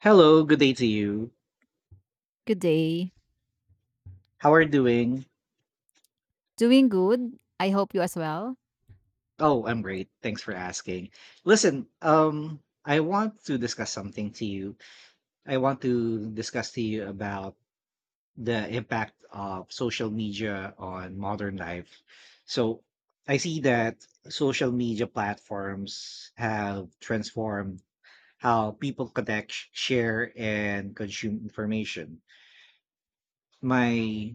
Hello, good day to you. Good day. How are you doing? Doing good. I hope you as well. Oh, I'm great. Thanks for asking. Listen, I want to discuss something to you. I want to discuss to you about the impact of social media on modern life. So I see that social media platforms have transformed how people connect, share, and consume information. My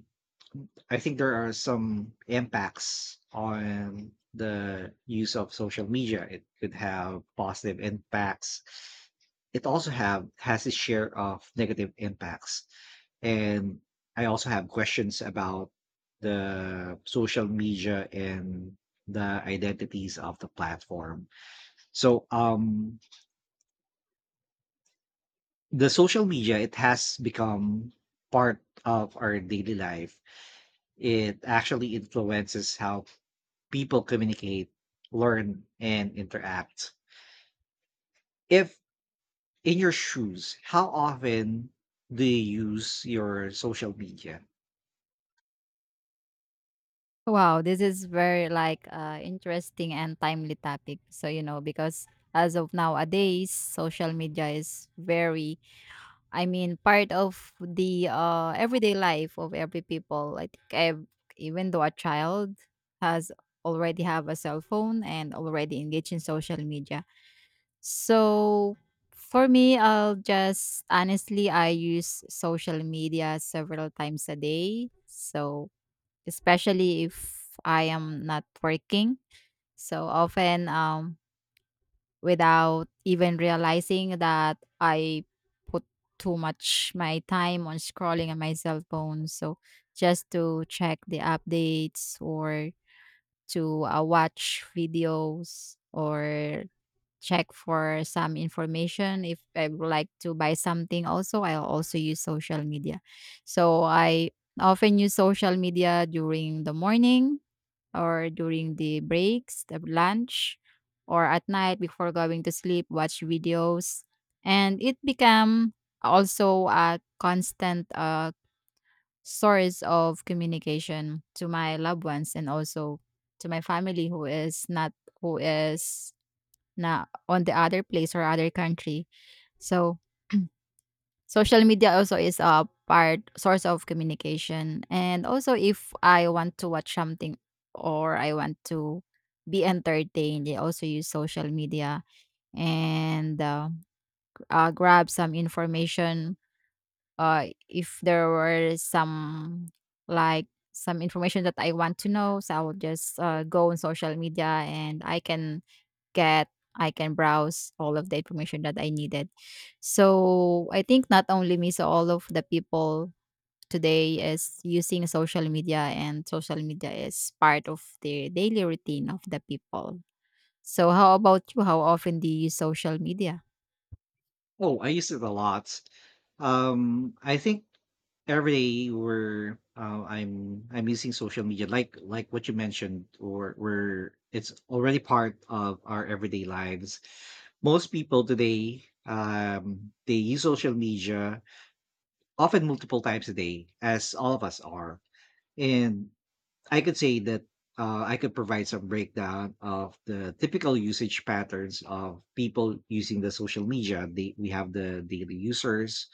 I think there are some impacts on the use of social media. It could have positive impacts. It also have has its share of negative impacts. And I also have questions about the social media and the identities of the platform. So the social media, it has become part of our daily life. It actually influences how people communicate, learn, and interact. If in your shoes, how often do you use your social media? Wow, this is very interesting and timely topic. So you know because as of nowadays, social media is very, I mean, part of the everyday life of every people. Even though a child has already have a cell phone and already engaged in social media, so for me, I'll just honestly, I use social media several times a day. So especially if I am not working. So often, without even realizing that I put too much my time on scrolling on my cell phone. So just to check the updates or to watch videos or check for some information. If I would like to buy something also, I'll also use social media. So I often use social media during the morning or during the breaks, the lunch, or at night before going to sleep, watch videos. And it become also a constant source of communication to my loved ones and also to my family who is not who is na on the other place or other country. So social media also is a part source of communication. And also if I want to watch something or I want to be entertained, they also use social media and grab some information if there were some like some information that I want to know, so I will just go on social media and get I can browse all of the information that I needed. So I think not only me, so all of the people today is using social media and social media is part of the daily routine of the people. So how about you? How often do you use social media? Oh, I use it a lot. I think every day we're I'm using social media like what you mentioned, or where it's already part of our everyday lives. Most people today, um, they use social media often multiple times a day, as all of us are, and I could say that, I could provide some breakdown of the typical usage patterns of people using the social media. We have the daily users,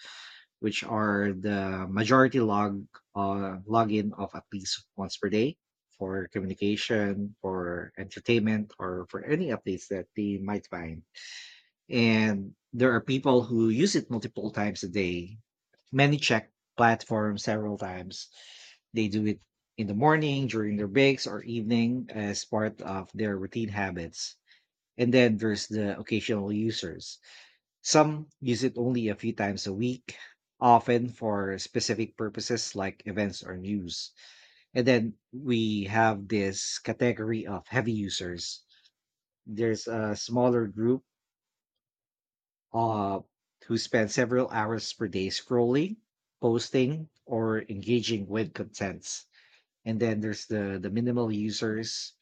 which are the majority login of at least once per day for communication, for entertainment, or for any updates that they might find. And there are people who use it multiple times a day, many check platforms several times. They do it in the morning, during their breaks, or evening as part of their routine habits. And then there's the occasional users. Some use it only a few times a week, often for specific purposes like events or news. And then we have this category of heavy users. There's a smaller group, uh, who spend several hours per day scrolling, posting, or engaging with contents. And then there's the minimal users.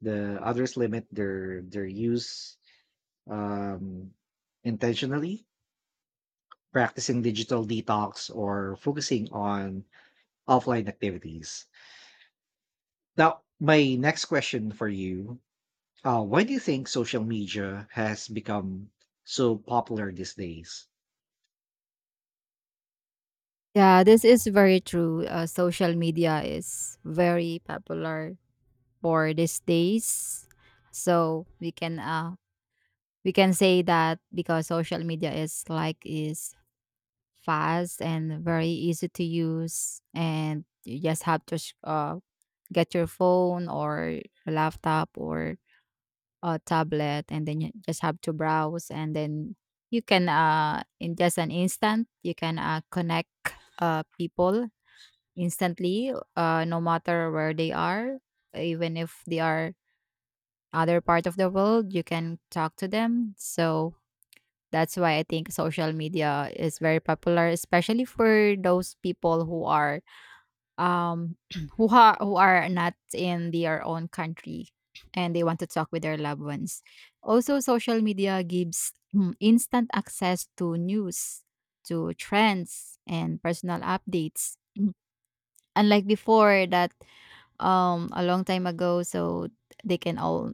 The others limit their use, um, intentionally, practicing digital detox or focusing on offline activities. Now, my next question for you: why do you think social media has become so popular these days? Yeah, this is very true. Social media is very popular for these days. So we can say that because social media is fast and very easy to use and you just have to get your phone or laptop or a tablet and then you just have to browse and then you can in just an instant you can connect people instantly, no matter where they are, even if they are other part of the world, you can talk to them. So that's why I think social media is very popular, especially for those people who are um who are not in their own country and they want to talk with their loved ones. Also, social media gives instant access to news, to trends, and personal updates. Unlike before, that a long time ago so they can all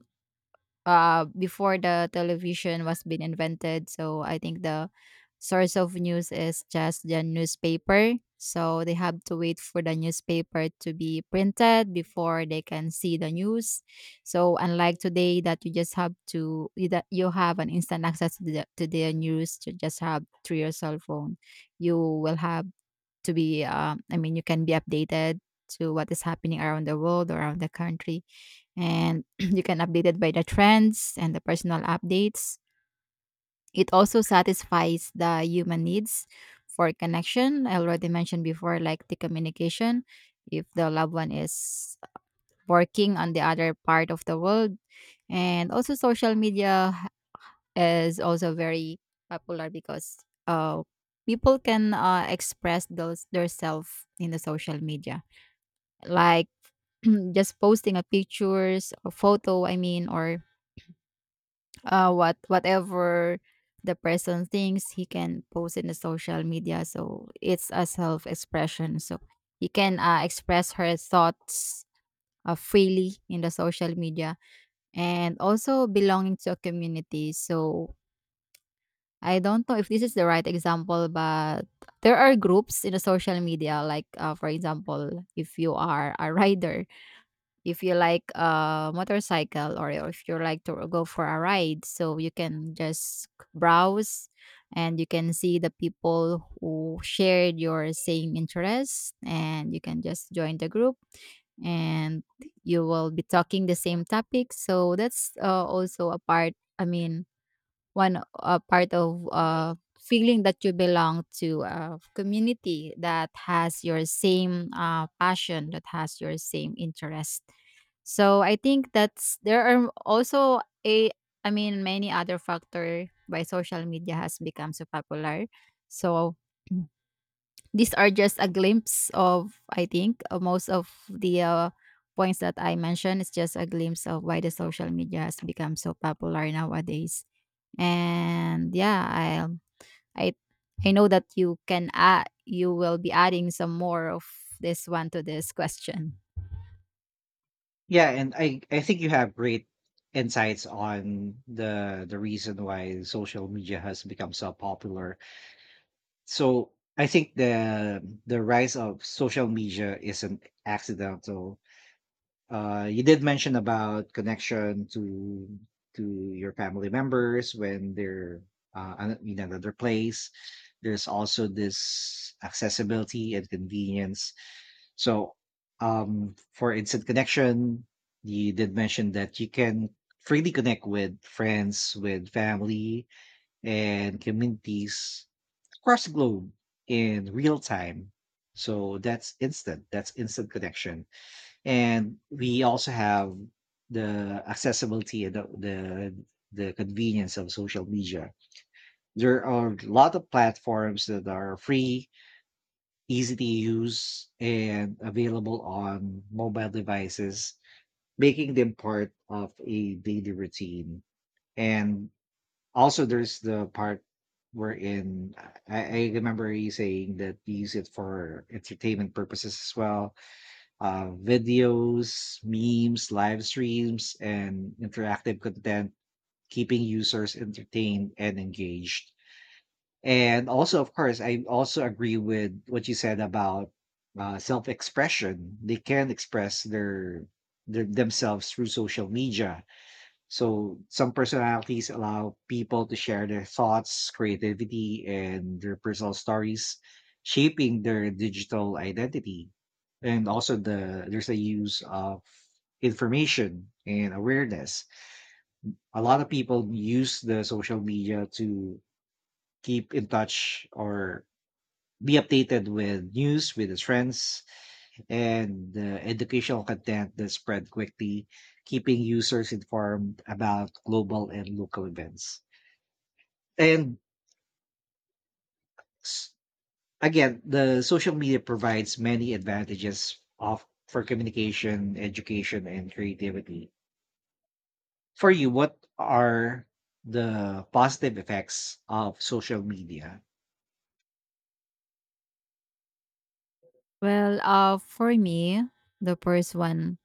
before the television was being invented, so I think the source of news is just the newspaper, so they have to wait for the newspaper to be printed before they can see the news. So unlike today that you just have to, you that you have an instant access to the news to just have through your cell phone, you will have to be I mean you can be updated to what is happening around the world, around the country, and you can update it by the trends and the personal updates. It also satisfies the human needs for connection. I already mentioned before like the communication if the loved one is working on the other part of the world. And also social media is also very popular because uh, people can express those their self in the social media, like just posting a pictures or photo, I mean, or whatever the person thinks he can post in the social media, so it's a self expression, so he can express her thoughts freely in the social media. And also belonging to a community, so I don't know if this is the right example, but there are groups in the social media, like, for example, if you are a rider, if you like a motorcycle, or if you like to go for a ride, so you can just browse and you can see the people who shared your same interests, and you can just join the group and you will be talking the same topic. So that's also a part. I mean, one part of feeling that you belong to a community that has your same passion, that has your same interest. So I think that's there are also a, I mean many other factor why social media has become so popular. So these are just a glimpse of I think most of the points that I mentioned. It's just a glimpse of why the social media has become so popular nowadays. And yeah, i i I know that you can add, you will be adding some more of this one to this question. Yeah, and I think you have great insights on the reason why social media has become so popular. So I think the rise of social media is an accidental, you did mention about connection to to your family members when they're in another place. There's also this accessibility and convenience. So, for instant connection, you did mention that you can freely connect with friends, with family, and communities across the globe in real time. So that's instant. That's instant connection. And we also have the accessibility, the the convenience of social media. There are a lot of platforms that are free, easy to use, and available on mobile devices, making them part of a daily routine. And also, there's the part wherein I remember you saying that we use it for entertainment purposes as well: videos, memes, live streams, and interactive content, keeping users entertained and engaged. And also, of course, I also agree with what you said about, self-expression. They can express their themselves through social media, so some personalities allow people to share their thoughts, creativity, and their personal stories, shaping their digital identity. And also there's a use of information and awareness. A lot of people use the social media to keep in touch or be updated with news, with its friends, and the educational content that spread quickly, keeping users informed about global and local events. and s- again, the social media provides many advantages of for communication, education, and creativity. For you, what are the positive effects of social media? Well, for me, the first one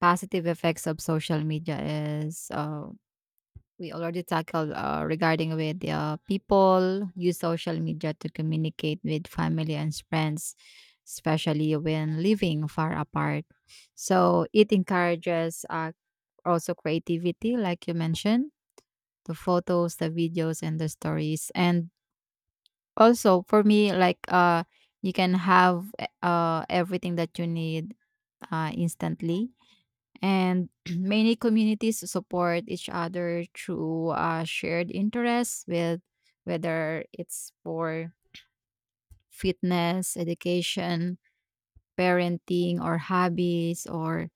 positive effects of social media is we already tackled regarding with the people use social media to communicate with family and friends especially when living far apart, so it encourages also creativity like you mentioned, the photos, the videos, and the stories. And also for me, you can have everything that you need instantly. And many communities support each other through shared interests, with whether it's for fitness, education, parenting, or hobbies, or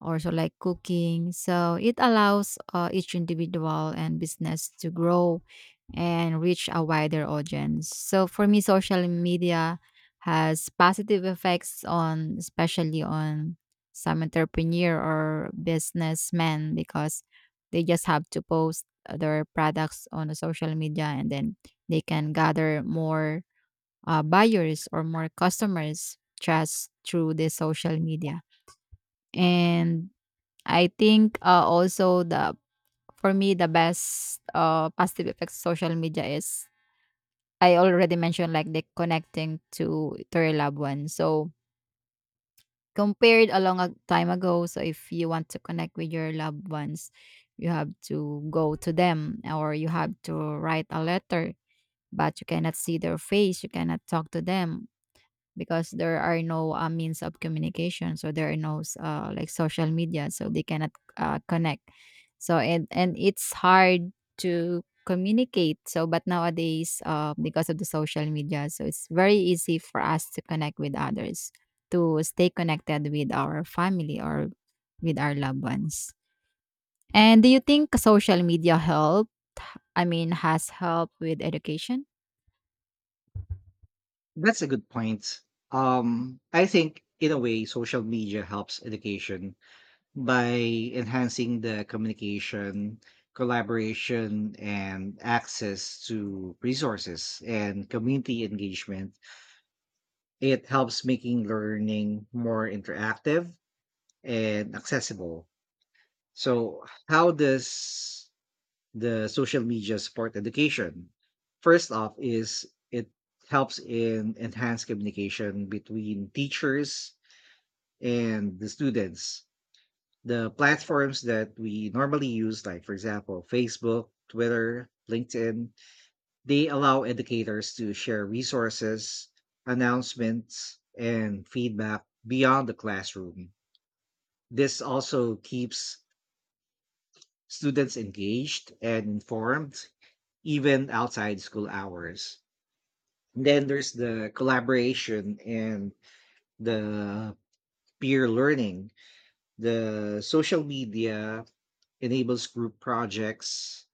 also like cooking. So it allows each individual and business to grow and reach a wider audience. So for me, social media has positive effects on, especially on some entrepreneur or businessmen, because they just have to post their products on the social media and then they can gather more buyers or more customers just through the social media. And I think, also the for me the best, positive effects of social media is I already mentioned like the connecting to your loved ones. So compared a long time ago, so if you want to connect with your loved ones, you have to go to them or you have to write a letter, but you cannot see their face, you cannot talk to them because there are no means of communication, so there are no like social media, so they cannot connect, so and it's hard to communicate, so but nowadays because of the social media, so it's very easy for us to connect with others, to stay connected with our family or with our loved ones. And do you think social media helped, I mean has helped with education? That's a good point. I think in a way, social media helps education by enhancing the communication, collaboration, and access to resources and community engagement. It helps making learning more interactive and accessible. So, how does the social media support education? First off, is it helps in enhance communication between teachers and the students. The platforms that we normally use, like for example, Facebook, Twitter, LinkedIn, they allow educators to share resources, announcements, and feedback beyond the classroom. This also keeps students engaged and informed, even outside school hours. Then there's the collaboration and the peer learning. The social media enables group projects,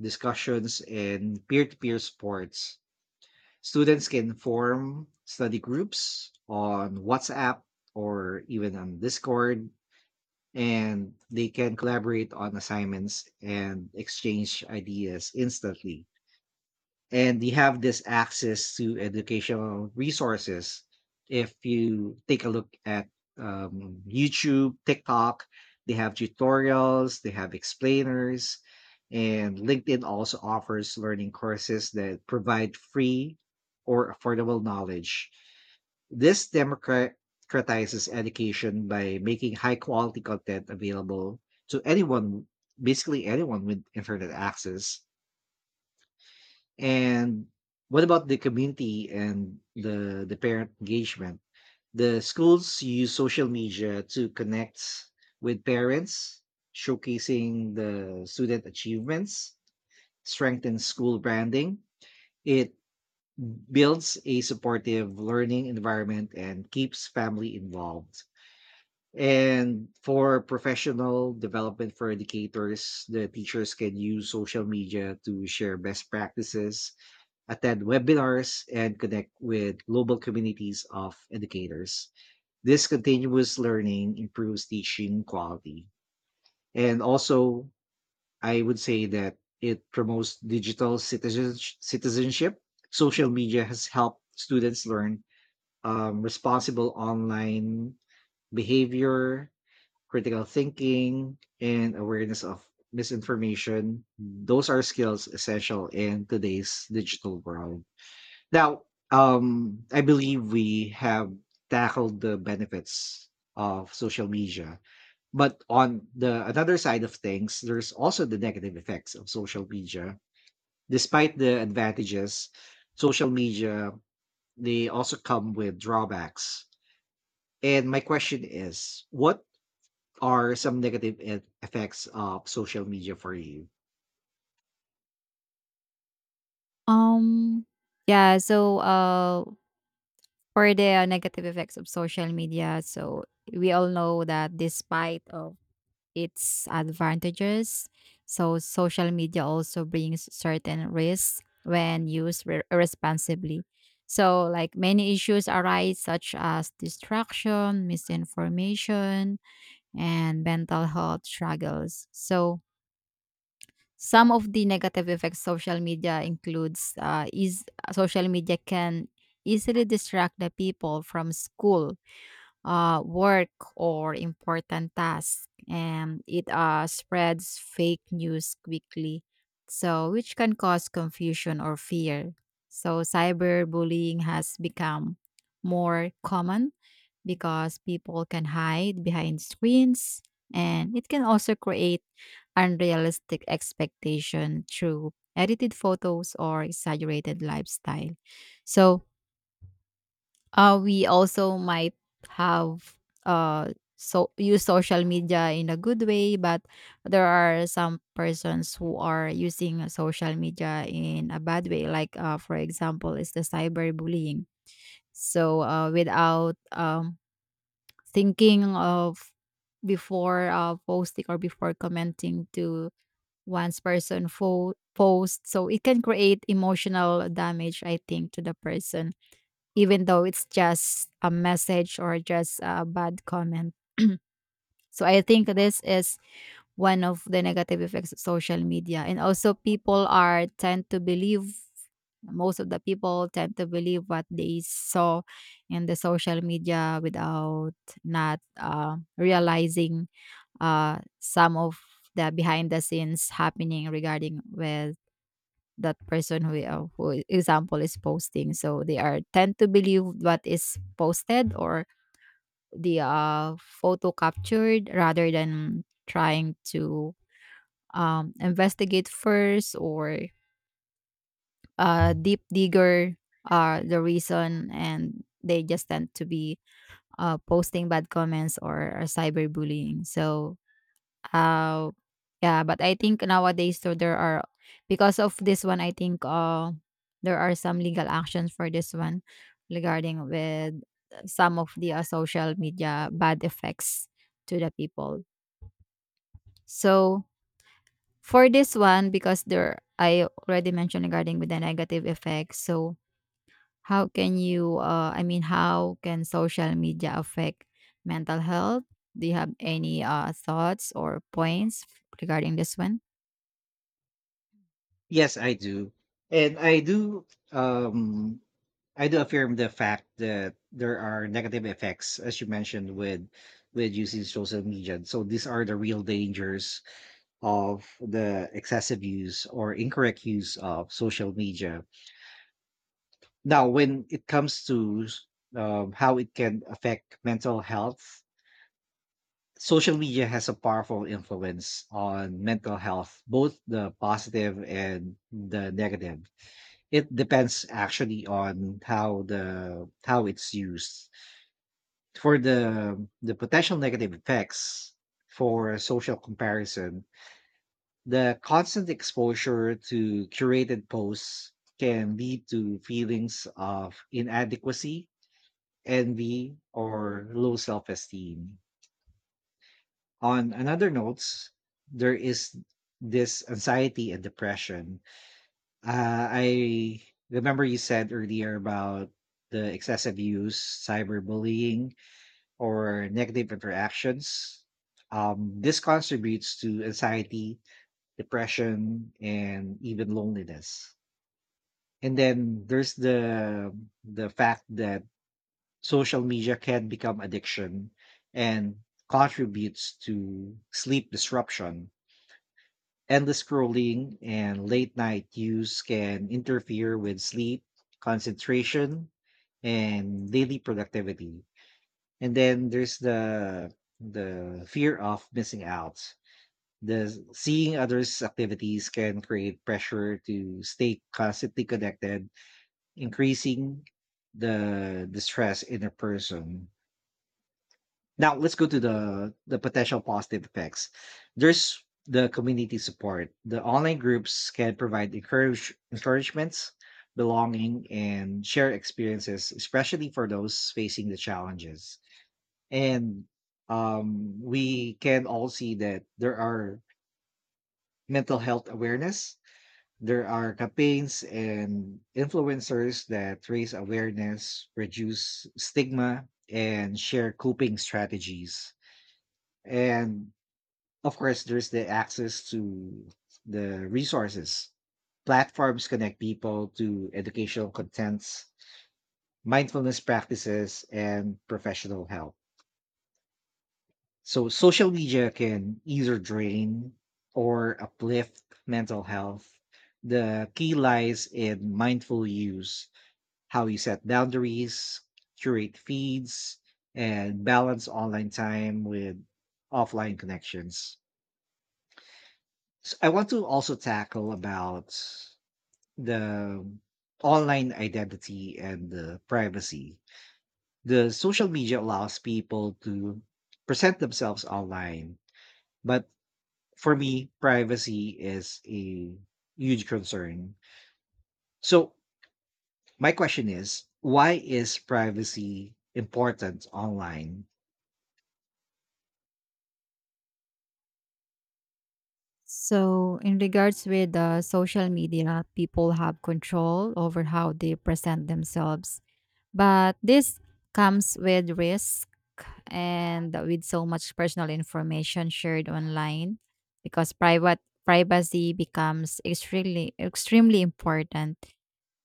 discussions, and peer to peer supports. Students can form study groups on WhatsApp or even on Discord, and they can collaborate on assignments and exchange ideas instantly. And you have this access to educational resources. If you take a look at, YouTube, TikTok, they have tutorials, they have explainers, and LinkedIn also offers learning courses that provide free or affordable knowledge. This democratizes education by making high quality content available to anyone, basically anyone with internet access. And what about the community and the parent engagement? The schools use social media to connect with parents, showcasing the student achievements, strengthens school branding. It builds a supportive learning environment and keeps family involved. And for professional development for educators, the teachers can use social media to share best practices, attend webinars, and connect with global communities of educators. This continuous learning improves teaching quality. And also, I would say that it promotes citizenship. Social media has helped students learn, responsible online behavior, critical thinking, and awareness of misinformation. Those are skills essential in today's digital world. Now, I believe we have tackled the benefits of social media, but on the another side of things, there's also the negative effects of social media. Despite the advantages, social media, they also come with drawbacks. And my question is, what are some effects of social media for you? um yeah, so for the negative effects of social media. So we all know that despite of its advantages, so social media also brings certain risks when used responsibly. So like many issues arise such as distraction, misinformation, and mental health struggles. So some of the negative effects social media includes is social media can easily distract the people from school, work or important tasks, and it spreads fake news quickly, so which can cause confusion or fear. So cyberbullying has become more common because people can hide behind screens and it can also create unrealistic expectation through edited photos or exaggerated lifestyle. So we also might have so use social media in a good way, but there are some persons who are using social media in a bad way. Like for example, is the cyberbullying. So without thinking of before posting or before commenting to one's person post, so it can create emotional damage. I think to the person even though it's just a message or just a bad comment. So I think this is one of the negative effects of social media. And also people are tend to believe, most of the people tend to believe what they saw in the social media without not realizing some of the behind the scenes happening regarding with that person who example is posting, so they are tend to believe what is posted or the photo captured rather than trying to investigate first or deep digger the reason, and they just tend to be posting bad comments or cyberbullying. So how? Yeah, but I think nowadays so there are, because of this one, I think there are some legal actions for this one regarding with some of the social media bad effects to the people. So for this one, because there I already mentioned regarding with the negative effects. So how can you? I mean, how can social media affect mental health? Do you have any thoughts or points regarding this one? Yes, I do, and I do, um, I do affirm the fact that there are negative effects, as you mentioned, with using social media. And so these are the real dangers of the excessive use or incorrect use of social media. Now, when it comes to, how it can affect mental health, social media has a powerful influence on mental health, both the positive and the negative. It depends actually on how it's used. For the potential negative effects, for social comparison, the constant exposure to curated posts can lead to feelings of inadequacy, envy, or low self-esteem. On another notes, there is this anxiety and depression. I remember you said earlier about the excessive use, cyberbullying, or negative interactions. This contributes to anxiety, depression, and even loneliness. And then there's the fact that social media can become addiction and contributes to sleep disruption. Endless scrolling and late night use can interfere with sleep, concentration, and daily productivity. And then there's the fear of missing out. The seeing others' activities can create pressure to stay constantly connected, increasing the stress in a person. Now let's go to the potential positive effects. There's the community support. The online groups can provide encouragements, belonging, and share experiences, especially for those facing the challenges. And, we can all see that there are mental health awareness. There are campaigns and influencers that raise awareness, reduce stigma, and share coping strategies. And of course, there's the access to the resources. Platforms connect people to educational contents, mindfulness practices, and professional help. So social media can either drain or uplift mental health. The key lies in mindful use, how you set boundaries, curate feeds, and balance online time with offline connections. So I want to also tackle about the online identity and the privacy. The social media allows people to present themselves online, but for me, privacy is a huge concern. So, my question is why is privacy important online? So, in regards with the social media, people have control over how they present themselves, but this comes with risk, and with so much personal information shared online because private privacy becomes extremely extremely important.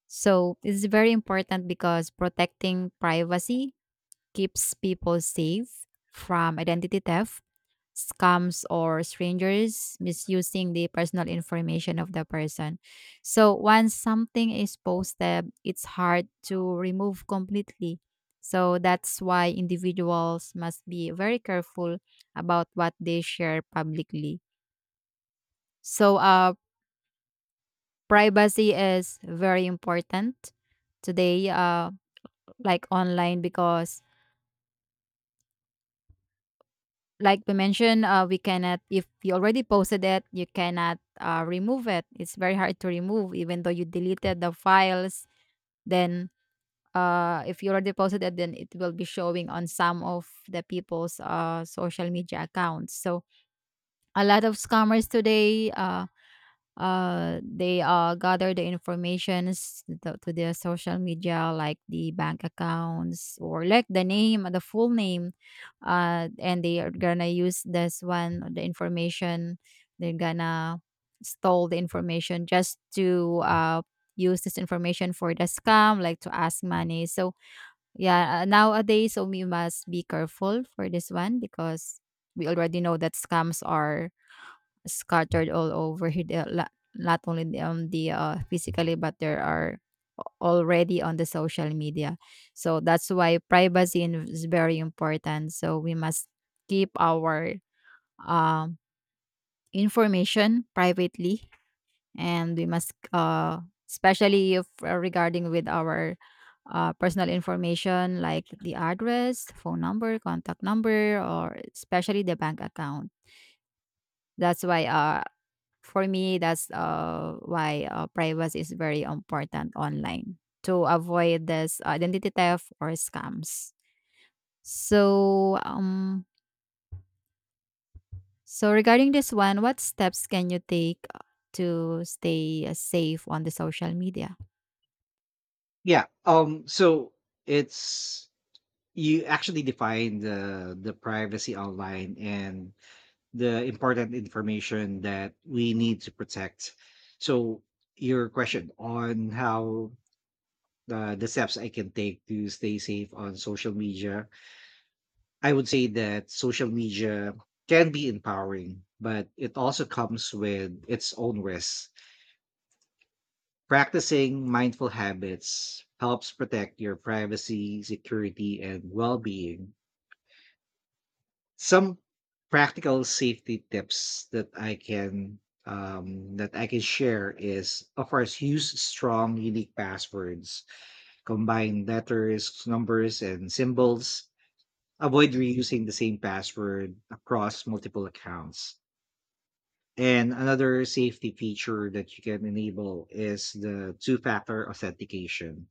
So, it's very important because protecting privacy keeps people safe from identity theft, scams, or strangers misusing the personal information of the person. So once something is posted, it's hard to remove completely. So that's why individuals must be very careful about what they share publicly. So privacy is very important today, like online, because like we mentioned, we cannot, if you already posted it, you cannot remove it. It's very hard to remove, even though you deleted the files. Then, if you already posted it, then it will be showing on some of the people's social media accounts. So, a lot of scammers today, they gather the informations to their social media like the bank accounts or like the full name, and they are gonna use this one the information, they're gonna stole the information just to use this information for the scam like to ask money. So yeah, nowadays so we must be careful for this one because we already know that scams are scattered all over here, the, not only the physically, but there are already on the social media. So that's why privacy is very important. So we must keep our um, information privately, and we must, especially if, regarding with our personal information like the address, phone number, contact number, or especially the bank account. That's why for me, that's why privacy is very important online to avoid this identity theft or scams. So, so regarding this one, what steps can you take to stay safe on the social media? Yeah. So it's, you actually define the privacy online and the important information that we need to protect. So your question on how the steps I can take to stay safe on social media. I would say that social media can be empowering, but it also comes with its own risks. Practicing mindful habits helps protect your privacy, security, and well being. Some practical safety tips that I can, that I can share is of course use strong unique passwords, combine letters, numbers, and symbols. Avoid reusing the same password across multiple accounts. And another safety feature that you can enable is the two factor authentication,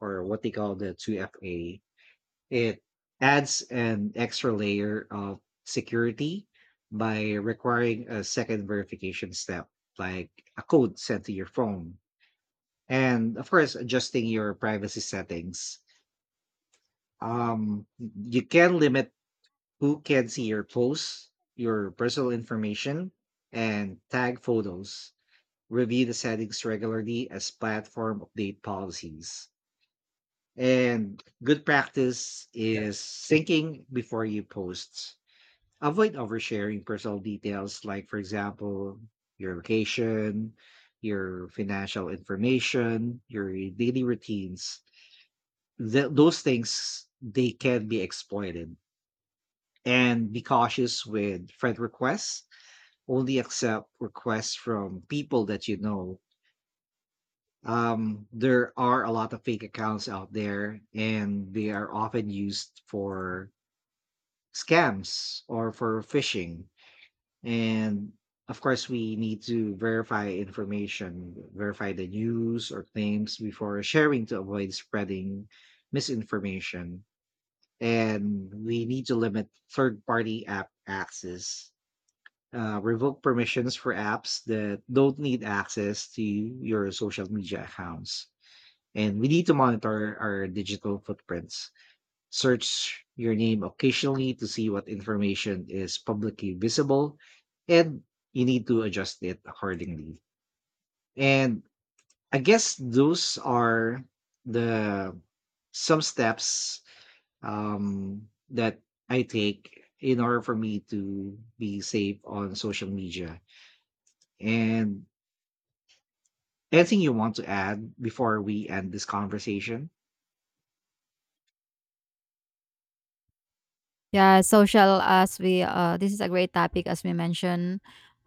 or what they call the 2FA. It adds an extra layer of security by requiring a second verification step, like a code sent to your phone. And of course, adjusting your privacy settings. You can limit who can see your posts, your personal information, and tag photos. Review the settings regularly as platform update policies. And good practice is syncing before you post. Avoid oversharing personal details, like, for example, your location, your financial information, your daily routines. Those things, they can be exploited. And be cautious with friend requests, only accept requests from people that you know. There are a lot of fake accounts out there, and they are often used for scams or for phishing. And of course, we need to verify information, verify the news or claims before sharing to avoid spreading misinformation. And we need to limit third party app access, revoke permissions for apps that don't need access to your social media accounts. And we need to monitor our digital footprints. Search your name occasionally to see what information is publicly visible, and you need to adjust it accordingly. And I guess those are the some steps, that I take in order for me to be safe on social media. And anything you want to add before we end this conversation? Yeah, social as we this is a great topic as we mentioned.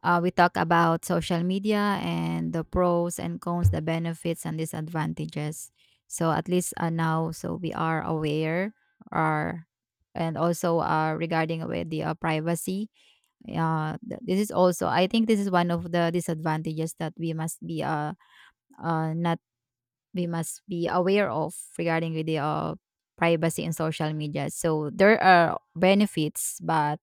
We talk about social media and the pros and cons, the benefits and disadvantages. So at least now, so we are aware, or and also regarding with the privacy. This is also I think this is one of the disadvantages that we must be not we must be aware of regarding with the privacy in social media. So there are benefits, but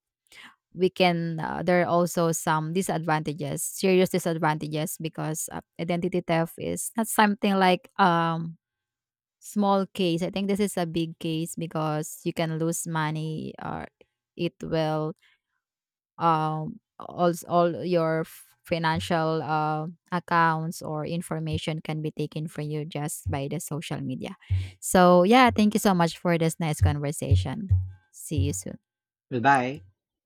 we can there are also some disadvantages, serious disadvantages because identity theft is not something like small case. I think this is a big case because you can lose money or it will all your financial accounts or information can be taken from you just by the social media. So yeah, thank you so much for this nice conversation. See you soon. Goodbye.